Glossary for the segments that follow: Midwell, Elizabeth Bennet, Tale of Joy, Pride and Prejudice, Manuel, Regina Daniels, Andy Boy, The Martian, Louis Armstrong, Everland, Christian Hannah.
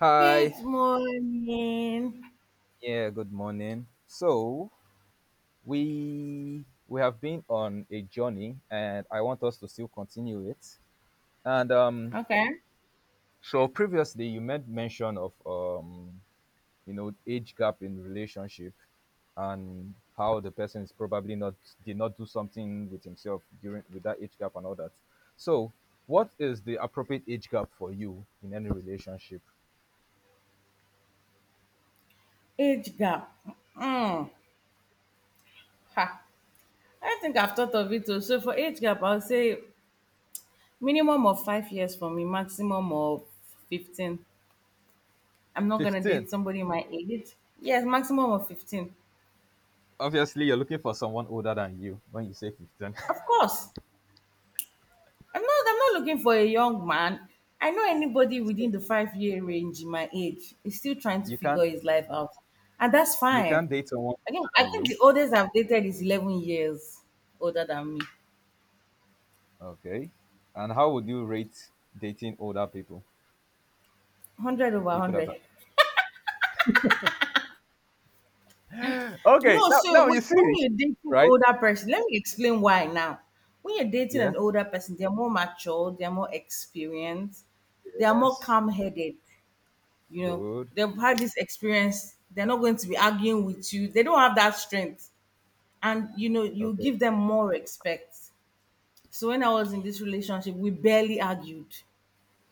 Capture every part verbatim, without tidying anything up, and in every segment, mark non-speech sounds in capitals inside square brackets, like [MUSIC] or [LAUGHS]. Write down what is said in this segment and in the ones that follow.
Hi. Good morning. Yeah, good morning. So, we we have been on a journey, and I want us to still continue it. And um Okay. so previously you made mention of um you know age gap in relationship and how the person is probably not did not do something with himself during with that age gap and all that. So, what is the appropriate age gap for you in any relationship? Age gap. Mm. Ha. I think I've thought of it too. So for age gap, I'll say minimum of five years for me, maximum of fifteen. I'm not going to date fifteen. somebody my age. Yes, maximum of fifteen. Obviously, you're looking for someone older than you when you say fifteen. Of course. I'm not I'm not looking for a young man. I know anybody within the [LAUGHS] five year range in my age is still trying to You figure can't his life out. And that's you fine. can't date someone I older think I than think you. the oldest I've dated is eleven years older than me. Okay. And how would you rate dating older people? Hundred over People that are hundred. okay. No, Now so now you wait, see, when you're dating right? older person, let me explain why now. When you're dating Yeah. an older person, they're more mature, they're more experienced, they are more Yes. calm-headed. You know, Good. they've had this experience. They're not going to be arguing with you. They don't have that strength, and you know you Okay. give them more respect. So when I was in this relationship, we barely argued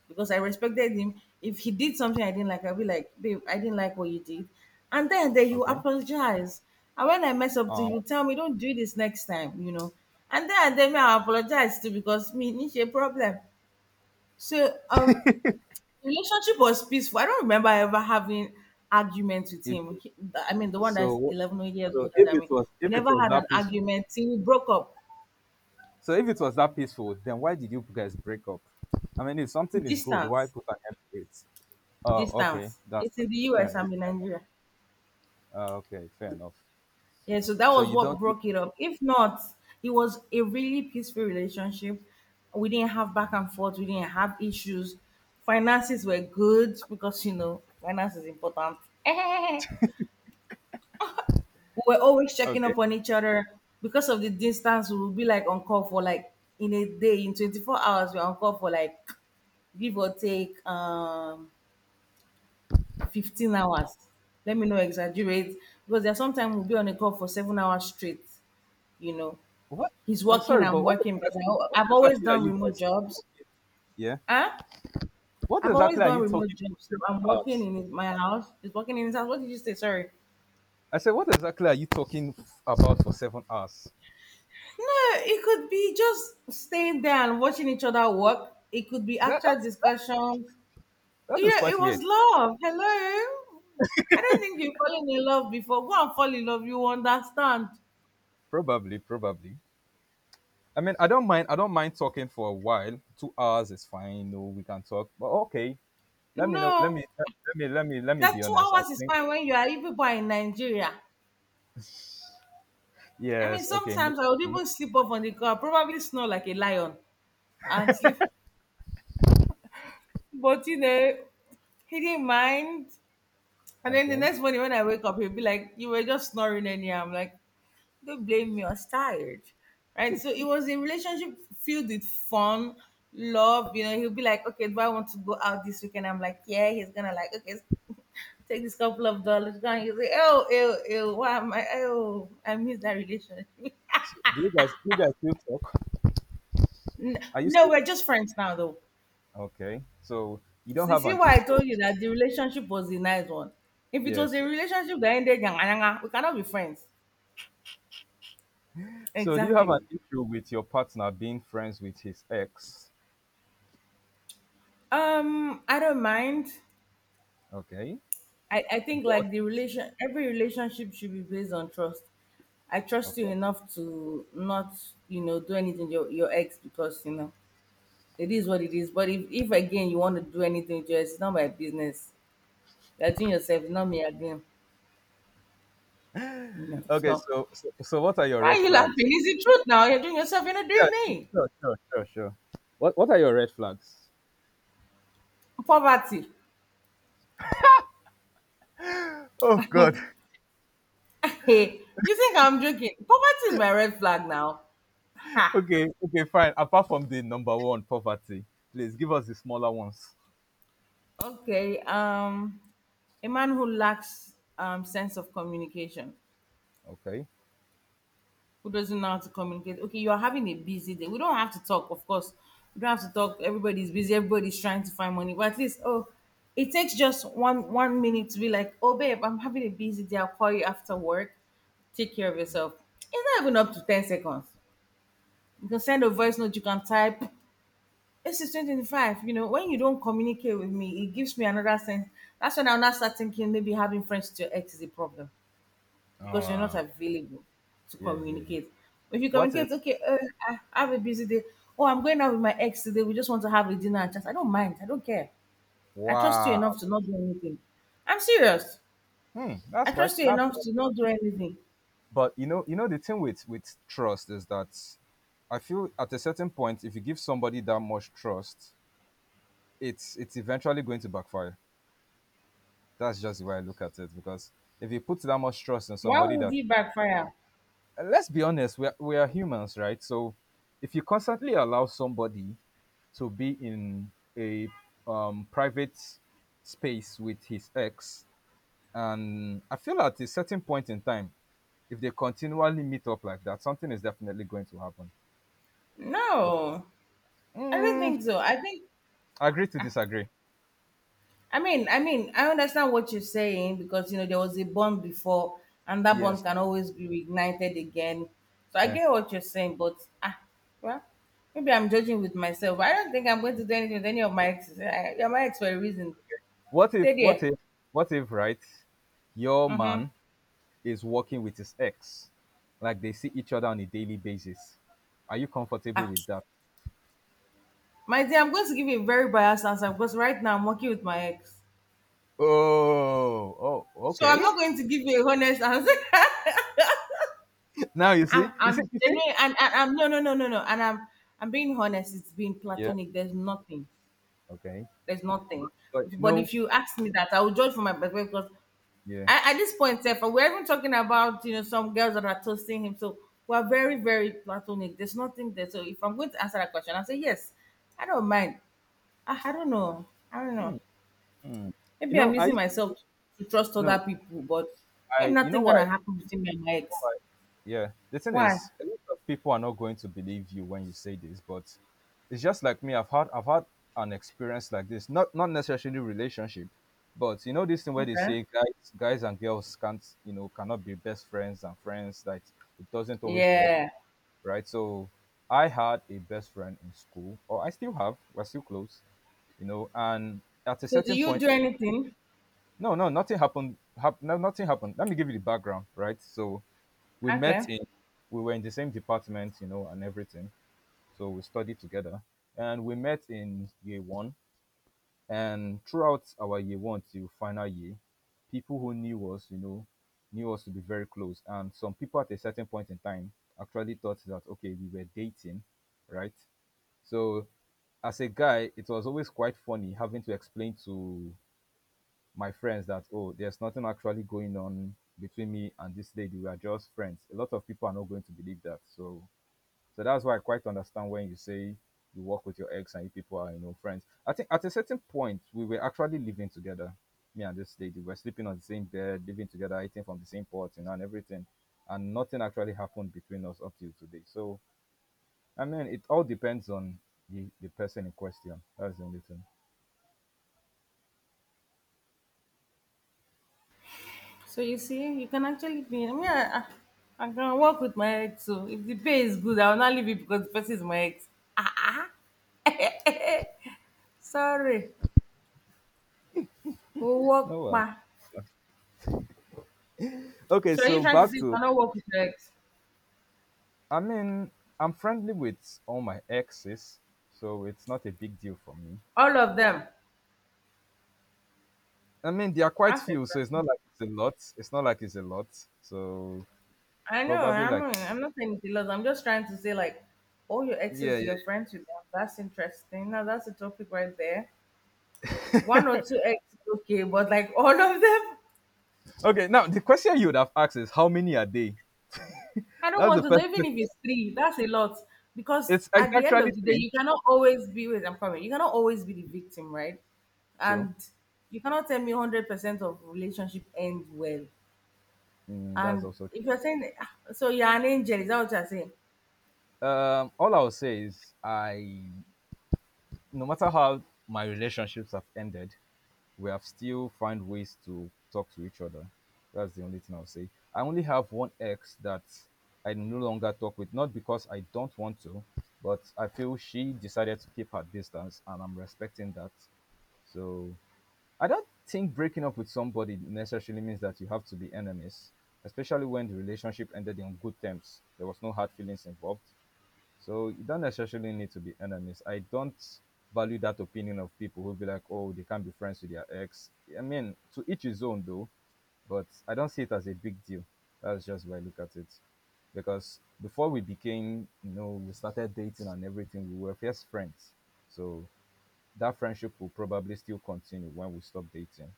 because I respected him. If he did something I didn't like, I'd be like, babe, I didn't like what you did, and then then you Okay. apologize. And when I mess up to Um. you tell me, don't do this next time, you know and then and then me, I apologize too because me, it's a problem. So um relationship was peaceful. I don't remember ever having arguments with If, him He- I mean, the one that's so eleven years so older if than it me, was we if it never was had an that peaceful, argument till we broke up. so if it was that peaceful, then why did you guys break up? I mean, if something is good, why Distance, put an end to it? Oh, okay. distance. That's It's in the fair U S. enough. I'm in Nigeria. Uh, okay, fair enough. Yeah, so that So was you what don't. broke it up. If not, it was a really peaceful relationship. We didn't have back and forth. We didn't have issues. Finances were good because you know finance is important. [LAUGHS] We were always checking Okay. up on each other because of the distance. We would be like on call for like in a day, in twenty-four hours, we we're on call for like give or take um fifteen hours. Let me not exaggerate because there are sometimes we'll be on a call for seven hours straight. You know, What? he's I'm working, sorry, I'm but what working because I, exactly, al- what I've always exactly are done you remote guys jobs. talking? Yeah. Huh? What I've always exactly are done you remote talking for jobs. So seven I'm working hours? in his, my house. He's working in his house. What did you say? Sorry. I said, what exactly are you talking about for seven hours? No, it could be just staying there and watching each other work. It could be That actual that's discussions. that is Yeah, it quite was weird. love. Hello. I don't think you've fallen in love before. Go and fall in love. You understand. Probably, probably. I mean, I don't mind. I don't mind talking for a while. Two hours is fine. No, we can talk. But okay, let me know. Let No. me let me let me let me That be two honest. I hours is think fine when you are even born in Nigeria. I mean, yes. Okay. sometimes Next, I would even sleep off on the car, probably snore like a lion and sleep. But you know, he didn't mind. And then the okay. next morning when I wake up, he'll be like, you were just snoring anyhow. I'm like, don't blame me, I was tired. Right? So it was a relationship filled with fun, love. You know, he'll be like, okay, do I want to go out this weekend? I'm like, yeah. He's gonna like, okay, [LAUGHS] take this couple of dollars. Go. And he'll say, oh, ew, ew, why am I, oh, I miss that relationship. [LAUGHS] So, do you guys do you guys still talk? N- Are you no, still we're just friends now, though. okay? So you don't So you have see an why I issue. told you that the relationship was a nice one. If it was a Yes. relationship that ended, yanga, yanga, we cannot be friends. So do you have an Exactly. issue with your partner being friends with his ex? Um, I don't mind. Okay. I, I think But like the relation every relationship should be based on trust. I trust of you course. enough to not, you know, do anything to your, your ex because, you know, it is what it is. But if, if again you want to do anything to your ex, it's not my business. You're doing yourself, it's not me again. You know. Okay, So so so, so what are your why are red you laughing? flags? It's the truth now. You're doing yourself, you're not Yeah, doing sure, me. sure, sure, sure, sure. What what are your red flags? Poverty. Oh God. [LAUGHS] [LAUGHS] Hey, you think I'm joking? Poverty is my red flag now. Ha. Okay, okay, fine. Apart from the number one, poverty. Please give us the smaller ones. Okay. Um, a man who lacks um sense of communication, Okay. who doesn't know how to communicate. Okay, you are having a busy day. We don't have to talk, of course. We don't have to talk. Everybody's busy. Everybody's trying to find money. But at least, oh, it takes just one one minute to be like, oh, babe, I'm having a busy day. I'll call you after work. Take care of yourself. It's not even up to ten seconds. You can send a voice note. You can type. This is two thousand twenty-five. You know, when you don't communicate with me, it gives me another sense. That's when I'll now start thinking maybe having friends to your ex is a problem because you're not Uh available to yeah, yeah, yeah. communicate. If you What if communicate, okay, uh, I I have a busy day. Oh, I'm going out with my ex today. We just want to have a dinner and chat. I don't mind. I don't care. I trust you wow. enough to not do anything. I'm serious. Hmm, I that's quite trust you that's enough to not do anything. but you know you know the thing with with trust is that I feel at a certain point, if you give somebody that much trust, it's it's eventually going to backfire. That's just the way I look at it, because if you put that much trust in Why somebody would that, you backfire? and let's be honest, we are, we are humans, right? So if you constantly allow somebody to be in a um, private space with his ex, and I feel at a certain point in time, if they continually meet up like that, something is definitely going to happen. No, I don't Mm, think so. I think agree to disagree. I mean, I mean, I understand what you're saying because you know there was a bond before, and that Yes. bond can always be reignited again. So I Yeah. get what you're saying, but ah, well, maybe I'm judging with myself. I don't think I'm going to do anything with any of my exes. I, you're my ex for a reason. What if Stay what there. if what if right? Your Mm-hmm. man is working with his ex, like they see each other on a daily basis. Are you comfortable Ah, with that? my dear, I'm going to give you a very biased answer because right now I'm working with my ex, Oh, oh, so I'm okay. not going to give you a honest answer. [LAUGHS] [LAUGHS] Now you see, I'm you see, I'm you see. genuine and, and I'm no no no no no and I'm I'm being honest, it's been Yeah. platonic. There's nothing. Okay. There's nothing. But you But know, if you ask me that, I will judge from my perspective because yeah. I, at this point, Seth, we're even talking about you know some girls that are toasting him. So we're very, very platonic. There's nothing there. So if I'm going to answer that question, I'll say yes. I don't mind. I, I don't know. I don't know. Hmm, hmm. You Maybe know, I'm I using used to, myself to trust other no, people, but ain't I. You know nothing gonna why happen between me and my you know ex. why? Yeah, the thing Why? is, a lot of people are not going to believe you when you say this, but it's just like me. I've had I've had an experience like this, not not necessarily relationship, but you know this thing where they Okay. say guys guys and girls can't you know cannot be best friends, and friends that it doesn't always work, Yeah. right? So I had a best friend in school, or I still have. We're still close, you know. And at a So do certain you point, do anything? no, no, nothing happened. Hap- no, nothing happened. Let me give you the background, right? So we met Okay. in we were in the same department, you know, and everything, so we studied together, and we met in year one, and throughout our year one to final year, people who knew us, you know, knew us to be very close, and some people at a certain point in time actually thought that okay, we were dating, right? So as a guy, it was always quite funny having to explain to my friends that oh, there's nothing actually going on between me and this lady, we are just friends. A lot of people are not going to believe that, so so that's why I quite understand when you say you work with your ex and you people are, you know, friends. I think at a certain point we were actually living together. Me and this lady were sleeping on the same bed, living together, eating from the same pot, you know, and everything. And nothing actually happened between us up till today. So I mean, it all depends on the the person in question. That's the only thing. So you see, you can actually be. I mean, I, I, I can work with my ex. So if the pay is good, I will not leave it because the person is my ex. Sorry, we'll work. No, well, Ma. okay. So you So trying to back say you to cannot work with your ex? I mean, I'm friendly with all my exes, so it's not a big deal for me. All of them. I mean, there are quite That's few, so it's not interesting. like it's a lot. It's not like it's a lot. So I know. probably I'm. like I'm not saying it's loss. I'm just trying to say like, all your Yeah, yeah, exes, yeah. you're friends with them. That's interesting. Now that's a topic right there. One or two exes, okay, but like all of them. Okay, now the question you would have asked is how many are they? I don't That's want the to know, first even if question. it's three, that's a lot. Because It's, it's at the end actually of the day, three. you cannot always be with I'm coming. You cannot always be the victim, right? True. And you cannot tell me hundred percent of relationship end well. Mm, that's And also if true. you're saying "Ah, so you're an angel, is that what you're saying? Um, all I will say is I, no matter how my relationships have ended, we have still found ways to talk to each other. That's the only thing I'll say. I only have one ex that I no longer talk with, not because I don't want to, but I feel she decided to keep her distance, and I'm respecting that. So I don't think breaking up with somebody necessarily means that you have to be enemies, especially when the relationship ended in good terms. There was no hard feelings involved. So you don't necessarily need to be enemies. I don't value that opinion of people who be like, oh, they can't be friends with their ex. I mean, to each his own though, but I don't see it as a big deal. That's just why I look at it. Because before we became, you know, we started dating and everything, we were first friends. So that friendship will probably still continue when we stop dating.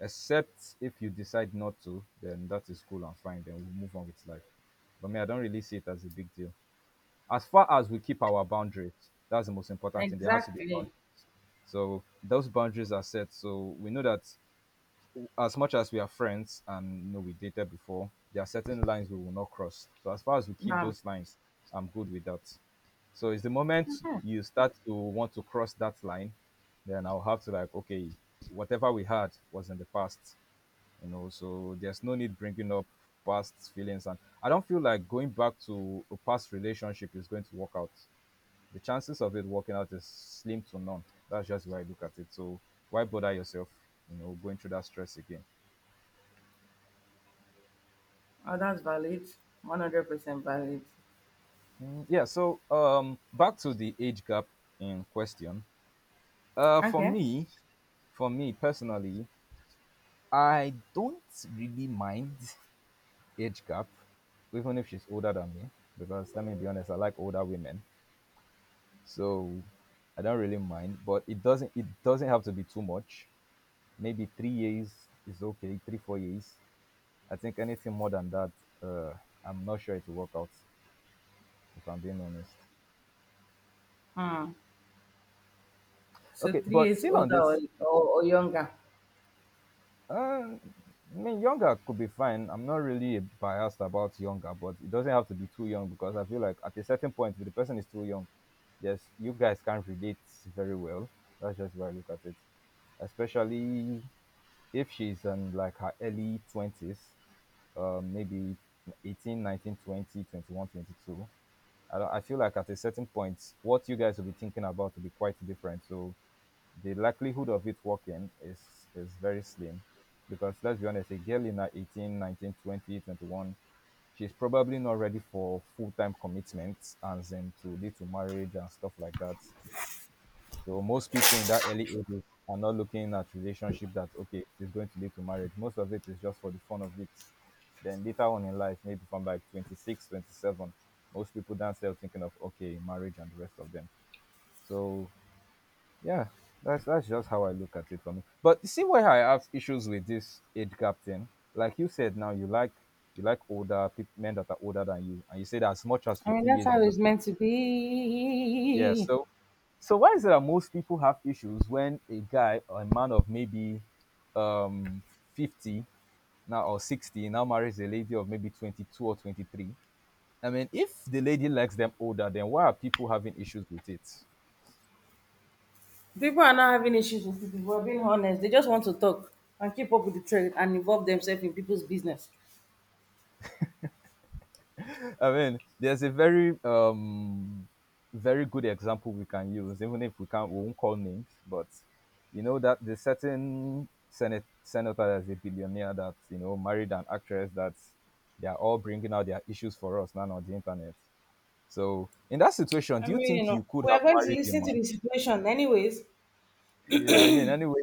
Except if you decide not to, then that is cool and fine. Then we'll move on with life. But me, I don't really see it as a big deal. As far as we keep our boundaries, that's the most important thing. There has to be a Exactly. boundary. So those boundaries are set. So we know that as much as we are friends and you know we dated before, there are certain lines we will not cross. So as far as we keep Um, those lines, I'm good with that. So it's the moment mhm. you start to want to cross that line, then I'll have to like, okay, whatever we had was in the past, you know. So there's no need bringing up past feelings, and I don't feel like going back to a past relationship is going to work out. The chances of it working out is slim to none. That's just the way I look at it. So why bother yourself, you know, going through that stress again? Oh, that's valid. One hundred percent valid. Mm, yeah. So um, back to the age gap in question. Uh, for Okay. me, for me personally, I don't really mind age gap, even if she's older than me, because let me be honest, I like older women. So I don't really mind, but it doesn't it doesn't have to be too much. Maybe three years is okay, three four years. I think anything more than that, uh, I'm not sure it will work out. If I'm being honest. Hmm. So Okay, three but years still on older or, this, or, or younger. um, I mean, younger could be fine. I'm not really biased about younger, but it doesn't have to be too young because I feel like at a certain point, if the person is too young, yes, you guys can't relate very well. That's just where I look at it. Especially if she's in like her early twenties, um, maybe eighteen, nineteen, twenty, twenty-one, twenty-two. I, don't- I feel like at a certain point, what you guys will be thinking about will be quite different. So the likelihood of it working is is very slim, because let's be honest, a girl in her eighteen, nineteen, twenty, twenty one, nineteen, twenty, she's probably not ready for full-time commitment, as in to lead to marriage and stuff like that. So most people in that early ages are not looking at relationship that okay, it is going to lead to marriage. Most of it is just for the fun of it. Then later on in life, maybe from like twenty six, twenty seven, most people then start thinking of okay, marriage and the rest of them. So yeah, that's that's just how I look at it for me. But you see why I have issues with this age gap thing. Like you said now, you like you like older people, men that are older than you, and you said as much as I mean 15 that's years how is it's okay. meant to Yeah. be. So, so why is it that most people have issues when a guy or a man of maybe um fifty now or sixty now marries a lady of maybe twenty-two or twenty-three? I mean, if the lady likes them older, then why are people having issues with it? People are not having issues with people, if are being honest. They just want to talk and keep up with the trend and involve themselves in people's business. I mean, there's a very um very good example we can use, even if we can't we won't call names, but you know that the certain senate senator that's a billionaire that you know married an actress that they are all bringing out their issues for us now on the internet. So in that situation, I do you mean, you think know, you could we are have going to married the listen to man? the situation anyways, Yeah, I mean, anyway,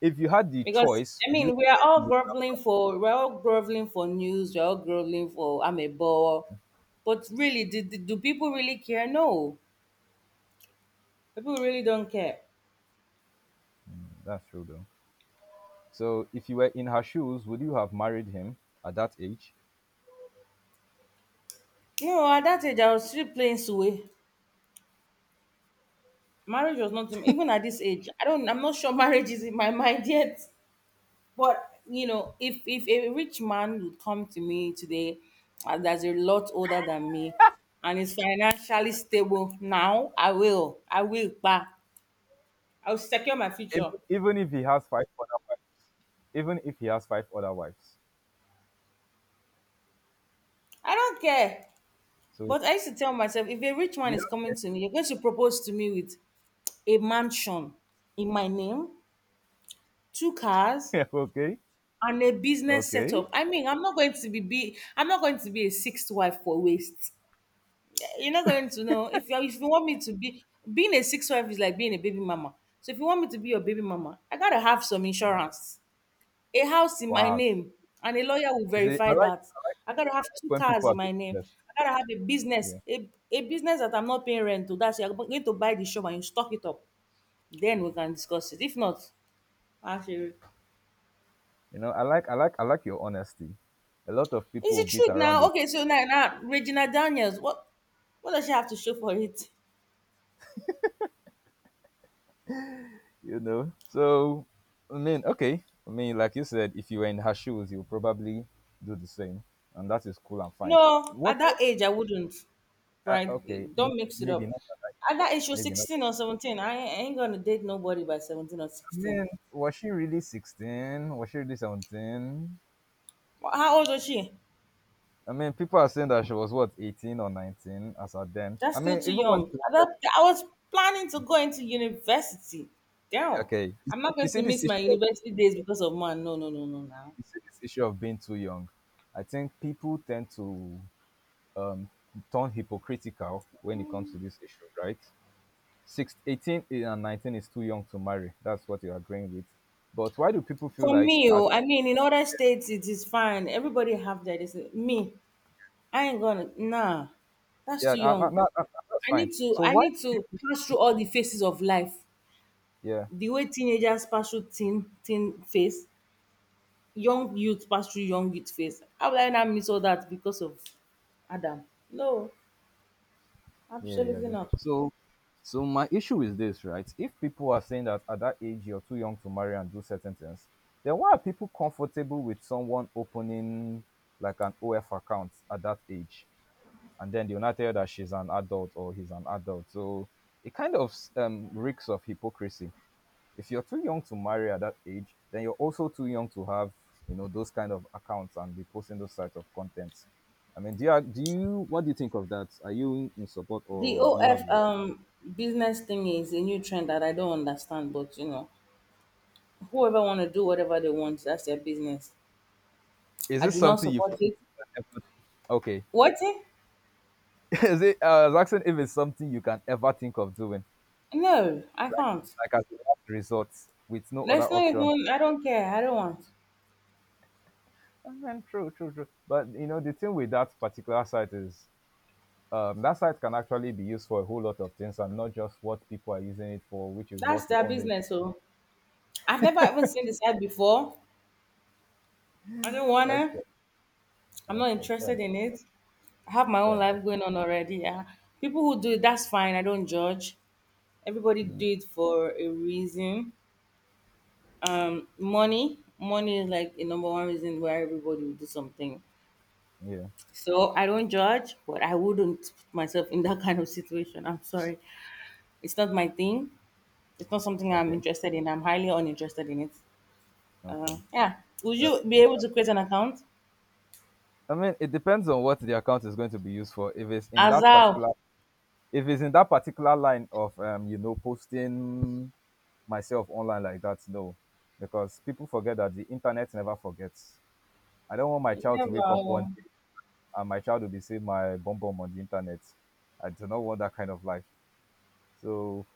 if you had the because choice, I do you mean, we are think you all would groveling have? for we're all groveling for news, we're all groveling for I'm a bore. But really, do, do, do people really care? No, people really don't care. That's true though. So if you were in her shoes, would you have married him at that age? No, at that age, I was still playing Sue. Marriage was not in- even at this age. I don't. I'm not sure [LAUGHS] marriage is in my mind yet. But you know, if if a rich man would come to me today, uh, that's a lot older than me, and is financially stable now, I will, I will, bah, I will secure my even, future. even if he has five other wives, even if he has five other wives. I don't care. So But I used to tell myself, if a rich man you is coming don't to me, you're going to propose to me with a mansion in my name, two cars, care. [LAUGHS] Okay, and a business okay, setup. I mean, I'm not going to be, be I'm not going to be a sixth wife for waste. You're not going to know if you if you want me to be being a six wife is like being a baby mama. So if you want me to be your baby mama, I gotta have some insurance, a house in my wow. name, and a lawyer will You see, I like, I verify that. like, I gotta I have like two when cars people in are being my name. honest. I gotta have a business, Yeah, a, a business that I'm not paying rent to. That's you're going to buy the shop and you stock it up. Then we can discuss it. If not, actually, you know, I like, I like, I like your honesty. A lot of is people it beat truth around now? it, Okay, so now now Regina Daniels, what what does she have to show for it? you know. So I mean, okay, I mean, like you said, if you were in her shoes, you would probably do the same, and that is cool and fine. No, at What? that age I wouldn't. Uh, Right? okay, may- Don't mix it maybe up. not at that At that age. age, she was Maybe not. sixteen or seventeen. I ain't I ain't gonna date nobody by seventeen or I sixteen. mean, was she really sixteen? Was she really seventeen? Wha- How old was she? I mean, people are saying that she was what, eighteen or nineteen as at then. That's I still mean, too even when young. she At that, wanted, I was planning to go into university. Damn. okay, you I'm see not you going see to this miss my issue of university days because of man. No, no, no, no. Now, you see this issue of being too young. I think people tend to um, turn hypocritical when it comes to this issue, right? Six, eighteen and nineteen is too young to marry. That's what you're agreeing with. But why do people feel for like, me, at, oh, I mean, in other states, it is fine. Everybody have their this. Me, I ain't gonna. Nah, that's yeah, too I, I, young. I, I, that's I fine. need to. So I why? need to pass through all the phases of life. Yeah. The way teenagers pass through teen teen phase, young youth pass through young youth phase. How will I now miss all that because of Adam? No, Yeah, yeah, absolutely yeah. not. So, so my issue is this, right? If people are saying that at that age you're too young to marry and do certain things, then why are people comfortable with someone opening like an O F account at that age, and then they'll not tell you that she's an adult or he's an adult? So it kind of um, reeks of hypocrisy if you're too young to marry at that age, then you're also too young to have, you know, those kind of accounts and be posting those types of contents. I mean, do you, do you what do you think of that? Are you in support The or do you have O F like, um business thing is a new trend that I don't understand, but you know, whoever want to do whatever they want, that's their business. is I this do not something you support can it. ever, okay? What? Eh? [LAUGHS] Is it uh, I was asking if it's something you can ever think of doing, No, I can't. like as a last resort with no Let's other not option. even. I don't care. I don't want. And then true, true, true. But you know, the thing with that particular site is um, that site can actually be used for a whole lot of things and not just what people are using it for, which is That's what we their all know it. business. So I've never even seen the site before. I don't wanna. Okay, I'm not okay, fair interested enough, in it. I have my fair own enough. life going on already. Yeah. People who do it, that's fine. I don't judge. Everybody Mm, do it for a reason. Um, money, money is like a number one reason why everybody will do something. yeah, So I don't judge, but I wouldn't put myself in [LAUGHS] that kind of situation. I'm sorry, it's not my thing. It's not something I'm okay, interested in. I'm highly uninterested in it. Uh, okay. yeah. Would That's you be fair. able to create an account? I mean, it depends on what the account is going to be used for. If it's in that Azal. particular, If it's in that particular line of um, you know, posting myself online like that, no, because people forget that the internet never forgets. I don't want my child to wake up Never. one day and my child will be seeing my bum bum on the internet. I do not want that kind of life. So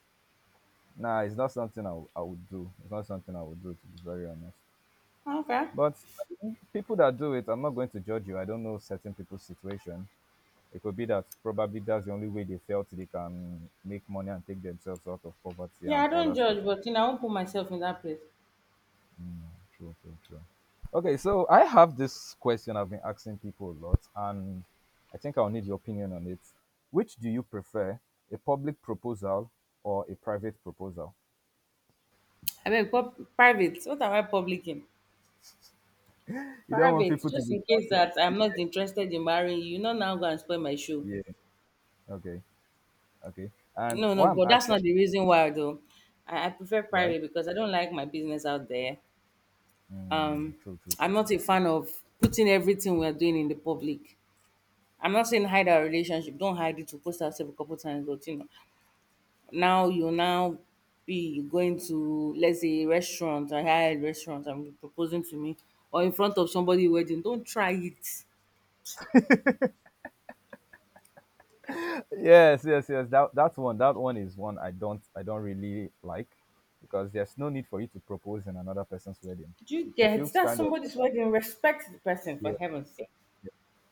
nah, it's not something I, w- I would do. It's not something I would do, to be very honest. Okay. But people that do it, I'm not going to judge you. I don't know certain people's situation. It could be that probably that's the only way they felt they can make money and take themselves out of poverty Yeah, I and all don't that stuff. judge, but you know, I won't put myself in that place. True, true, true. Okay, so I have this question I've been asking people a lot, and I think I'll need your opinion on it. Which do you prefer, a public proposal or a private proposal? Abeg, pub, private? What am I public in? [LAUGHS] You don't want Private, people to just be in case shouting, that I'm not interested in marrying you, you no now go and spoil my show. saying, okay, okay. And No, no, why I'm but that's asking not the reason why though. I i prefer why? private because I don't like my business out there. um Mm, true, true. I'm not a fan of putting everything we're doing in the public. I'm not saying hide our relationship, don't hide it, we post ourselves a couple times, but you know, now you now be going to, let's say, a restaurant, a high restaurant, and be proposing to me, or in front of somebody wedding, don't try it. Yes, yes, yes. That that one, that one is one I don't I don't really like because there's no need for you to propose in another person's wedding. Do you It get feels that's kind of somebody's wedding? Respect the person for heaven's yes. sake.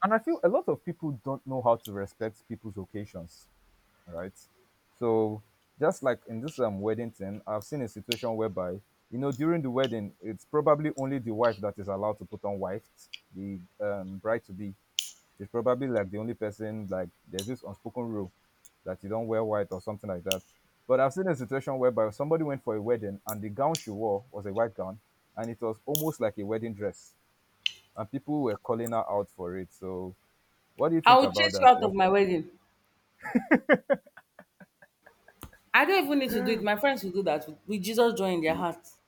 And I feel a lot of people don't know how to respect people's occasions, right? So just like in this um wedding thing, I've seen a situation whereby you know during the wedding, it's probably only the wife that is allowed to put on white, the um bride to be, she's probably like the only person, like there's this unspoken rule that you don't wear white or something like that. But I've seen a situation whereby somebody went for a wedding and the gown she wore was a white gown, and it was almost like a wedding dress, and people were calling her out for it. So what do you I think will about chase you that? out What? of my wedding. I don't even need to do it. My friends will do that with with Jesus joy in their Yeah, hearts.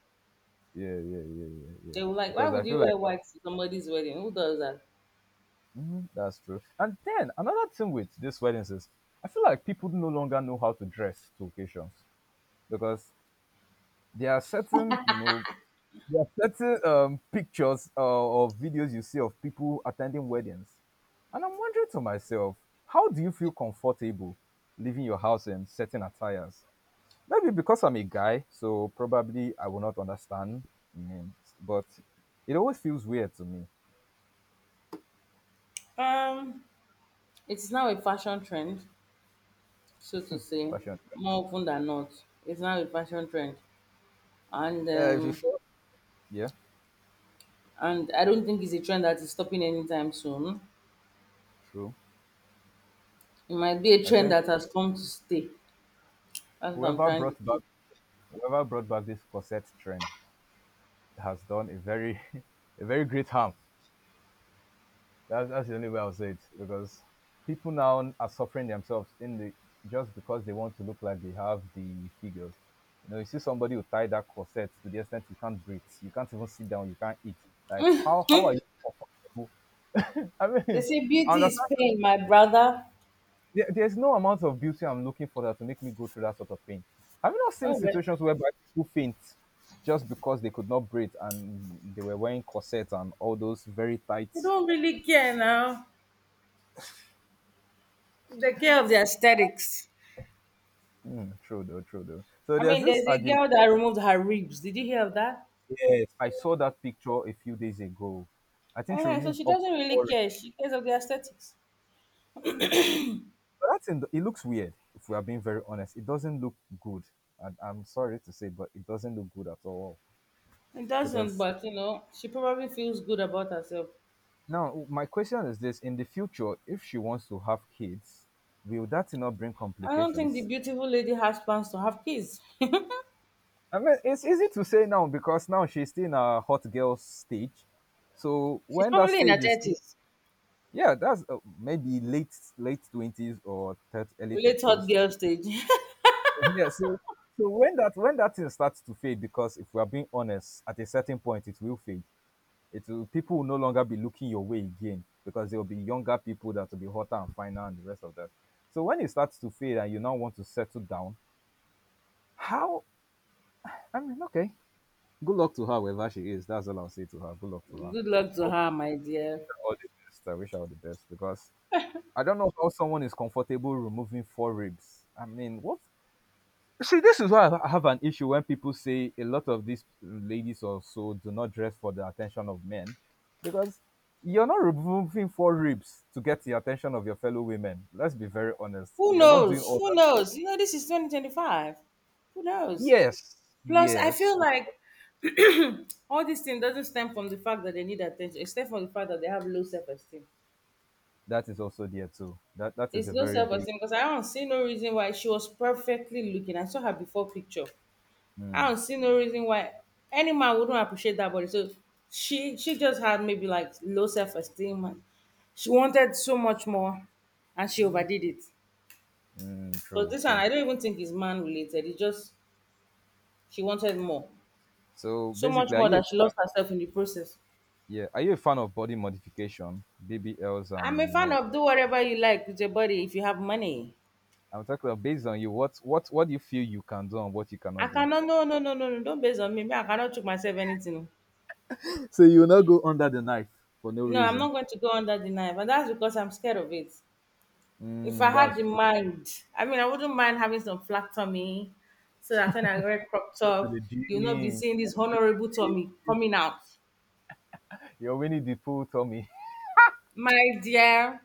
yeah, yeah, yeah, yeah, yeah. They were like, why Because I would you feel like wear that- white to somebody's wedding? Who does that? that's true. And then another thing with these weddings is I feel like people no longer know how to dress to occasions because there are certain, you know, there are certain um, pictures uh, or videos you see of people attending weddings. And I'm wondering to myself, how do you feel comfortable leaving your house in certain attires? Maybe because I'm a guy, so probably I will not understand. I mean, but it always feels weird to me. Um, it's now a fashion trend, so to say, Fashion trends. more often than not. It's now a fashion trend, and um, Yeah, and I don't think it's a trend that is stopping anytime soon. true. It might be a I trend think that has come to stay. That's what I'm whoever trying to brought back say. whoever brought back this corset trend has done a very [LAUGHS] a very great harm. That's, that's the only way I'll say it because people now are suffering themselves in the, just because they want to look like they have the figures. You know, you see somebody who tie that corset to the extent you can't breathe, you can't even sit down, you can't eat. Like how how are you comfortable? [LAUGHS] I They mean, say I beauty understand is that pain, my brother. There, there's no amount of beauty I'm looking for that to make me go through that sort of pain. Have you not seen Oh well, situations whereby people faint just because they could not breathe and they were wearing corsets and all those very they tight. don't really care now. They care of the aesthetics. Mm, true though, true though. So I there's mean, this there's a argument. girl that removed her ribs. Did you hear of that? Yes, I saw that picture a few days ago. I think she uh So removed she up doesn't really orange, care. She cares of the aesthetics. but that's in the, it looks weird. If we are being very honest, it doesn't look good, and I'm sorry to say, but it doesn't look good at all. It doesn't, Because but you know, she probably feels good about herself. now my question is this: in the future, if she wants to have kids, will that not bring I don't think the complications? beautiful lady has plans to have kids. I mean, it's easy to say now because now she's still in a hot girl stage. So She's when that probably in her stage is, thirties, yeah, that's uh, maybe late late twenties or thirty, early late hot thirties. girl stage. [LAUGHS] Yeah, so so when that when that thing starts to fade, because if we are being honest, at a certain point it will fade. It will, people will no longer be looking your way again because there will be younger people that will be hotter and finer and the rest of that. So when it starts to fade and you now want to settle down, how? I mean, okay, good luck to her, wherever she is. That's all I'll say to her. Good luck to her. Good luck I to hope her, my dear. her all the best. I wish her all the best because I don't know how someone is comfortable removing four ribs. I mean, what? See, this is why I have an issue when people say a lot of these ladies also do not dress for the attention of men because you're not removing four ribs to get the attention of your fellow women. Let's be very honest. Who You're not doing knows? all Who knows? You know, this is two thousand twenty-five. Who that. knows? Yes, Plus, I yes, feel like [CLEARS THROAT] all this thing doesn't stem from the fact that they need attention. It stems from the fact that they have low self esteem. that is also there too. That that is It's a low very self big. esteem because I don't see no reason why she was perfectly looking. I saw her before picture. I Mm, don't see no reason why any man wouldn't appreciate that body. So she she just had maybe like low self esteem, and she wanted so much more, and she mm, overdid it. mm, But true, this one true. I don't even think is man related. It's just she wanted more. So So much basically, are more you a that she lost fan? herself in the process. Yeah, are you a fan of body modification, B B Ls, I'm a and you fan know, of do whatever you like with your body if you have money. I'm talking about based on you. What what what do you feel you can do and what you I cannot do? cannot, no, no, no, no, no, don't base on me. Me, I cannot choke myself anything. Oh. So you will not go under the knife for no No, I'm reason. not going to go under the knife. And that's because I'm scared of it. If I Mm, had that's the true. mind, I mean, I wouldn't mind having some flat tummy so that when I wear crop Go to the top, you'll not be gym. seeing Go this to honorable the gym. tummy coming out. You're winning the pool, Tommy. My dear,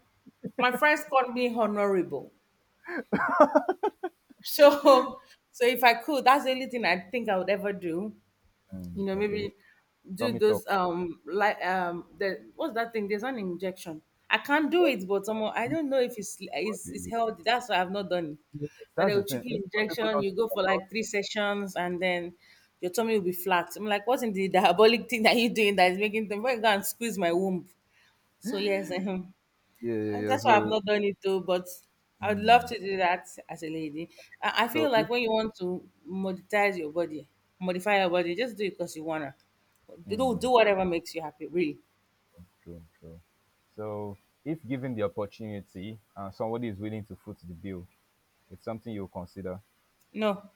my friends called me honorable. [LAUGHS] So, so if I could, that's the only thing I think I would ever do. You Mm, know, maybe okay. do Tommy those talk. um like um the, what's that thing, there's an injection. I can't do it, but someone, I don't know if it's it's, it's Yes, healthy, that's why I've not done it. But that's they'll the chip thing. you Even though people injection, don't you go think for like about. three sessions and then your tummy will be flat. I'm like, what's in the [LAUGHS] diabolic thing that you're doing that is making them? Why go and squeeze my womb? So yes, [LAUGHS] uh Yeah, yeah, and yeah. that's why I've So, not done it though, but I would love mm, to do that as a lady. I I feel so like if when you want to monetize your body, modify your body, just do it because you wanna. Do do mm, whatever makes you happy, really. true, true. So if given the opportunity and somebody is willing to foot the bill, it's something you'll consider. No.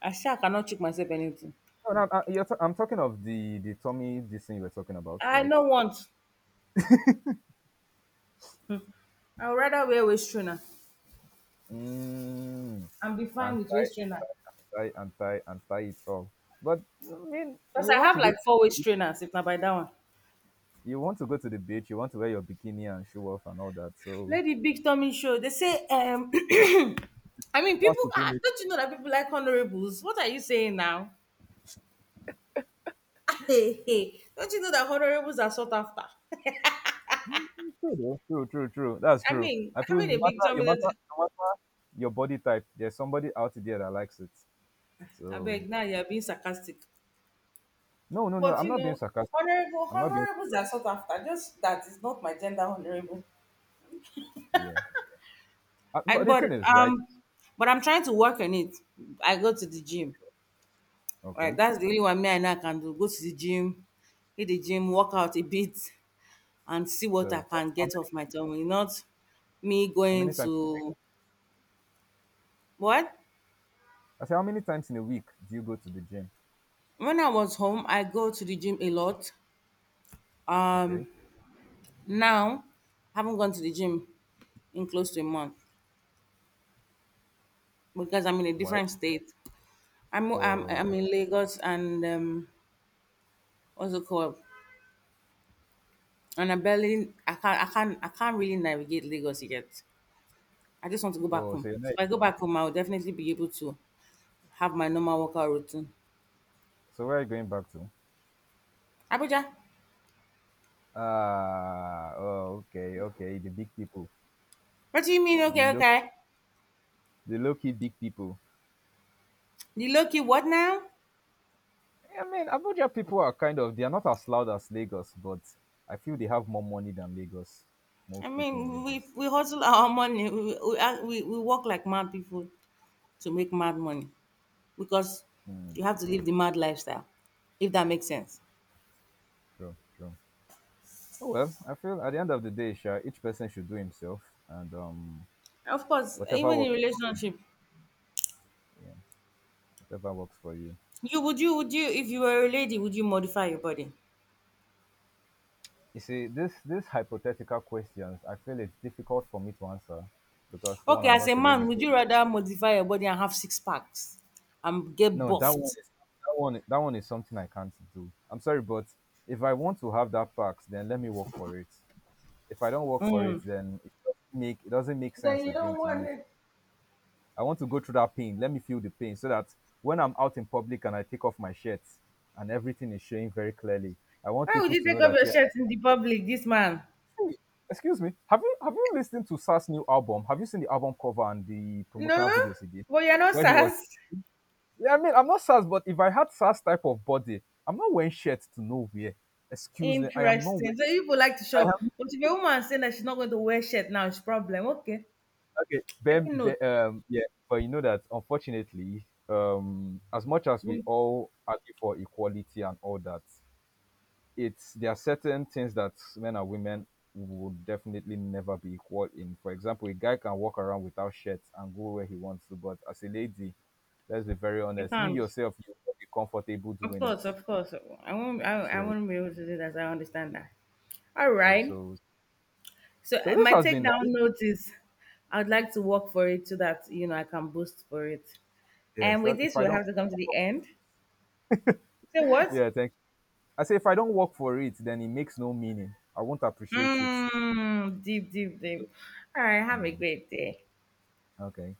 I sure cannot trick myself anything. No, no, I, you're t- I'm talking of the the Tommy this thing you were talking about, I right? no want. I would rather wear waist trainer Mm. and be fine And with tie, waist and trainer. tie, and tie, and tie it all. But I mean, Because you I want have to go, to like the four waist beach, trainers, if not by that one. you want to go to the beach, you want to wear your bikini and show off and all that. So Lady Big tummy show. They say um [CLEARS THROAT] I mean that's people, ah, supremacy. don't you know that people like honorables? What are you saying now? [LAUGHS] Hey, hey, don't you know that honorables are sought after? [LAUGHS] True, though, true, true, true. That's I true. mean, I feel having a no matter, victim no in, matter, no matter your body type, there's somebody out there that likes it. I So beg, now you're being sarcastic. no, no, no. But I'm you not being know, sarcastic. honorable I'm not being. honorables are sought after. Just that is not my gender honorable. Yeah. Uh, I, But the but thing is, right? um, but I'm trying to work on it. I go to the gym. Right, Okay. that's the only one me I now can do. Go to the gym, hit the gym, work out a bit, and see what I So can how get many off my times? tummy. Not me How going many times? to what? I say, how many times in a week do you go to the gym? When I was home, I go to the gym a lot. Um, Okay. now, I haven't gone to the gym in close to a month because I'm in a Why? different state. I'm I'm, I'm Oh, in Lagos and um, what's it called? And I barely, I can't I can't I can't really navigate Lagos yet. I just want to go back oh. home. So you're So not, if I go back home, I'll definitely be able to have my normal workout routine. so where are you going back to? Abuja, Ah, oh, okay, okay. The big people, what do you mean? the Okay, low, okay. the low key big people. The lucky what now? I mean, Abuja people are kind of they are not as loud as Lagos, but I feel they have more money than Lagos. I Most people in mean, we Lagos. we hustle our money. We we, we we work like mad people to make mad money. Because Mm, you have to live the mad lifestyle, if that makes sense. true, true. Oh well, I feel at the end of the day, Sha, each person should do himself, and um, Of course, whatever even in works. For you, relationship, yeah, whatever works for you. you would you would you if you were a lady, would you modify your body? You see, this these hypothetical questions, I feel it's difficult for me to answer because for one, Okay, I'm as a not a lady. man, would But you rather modify your body and have six packs and get no, that one buffed? is that one that one is something I can't do. I'm sorry, but if I want to have that perks, then let me work for it. If I don't work for it, Mm. then it doesn't make it doesn't make Then sense you again don't to want me. it. I want to go through that pain. Let me feel the pain so that when I'm out in public and I take off my shirt and everything is showing very clearly, I want Why would people you to know take off that your yeah, shirt in the public, this man? excuse me. Have you have you listened to Sas' new album? Have you seen the album cover and the No, promotional videos he did, but you're not where he was? sass. Yeah, I mean, I'm not Sas, but if I had Sas type of body, I'm not wearing shirt to nowhere. Excuse me, I am not Interesting. wearing. So you people like to show I up. am But if a woman saying that she's not going to wear shirt, now it's problem. Okay. okay. Ben, Taking note. Ben- um, yeah, but you know that unfortunately, um, as much as we Mm, all argue for equality and all that, it's there are certain things that men and women would definitely never be equal in. For example, a guy can walk around without shirts and go where he wants to, but as a lady, let's be very I honest, you can't. yourself you will be comfortable Of doing it. course, of course. I won't. I, I So won't be able to do that. I understand that. yeah, All true. right. So So so uh, this my has been takedown nice. note is, I'd like to work for it so that you know I can boost for it. Yes, And with that if this, I we'll don't, have to come to the end. So [LAUGHS] what? yeah, thank, I say if I don't work for it, then it makes no meaning. I won't appreciate it. Mmm. Deep, deep, deep. All right. Have a Mm, great day. okay.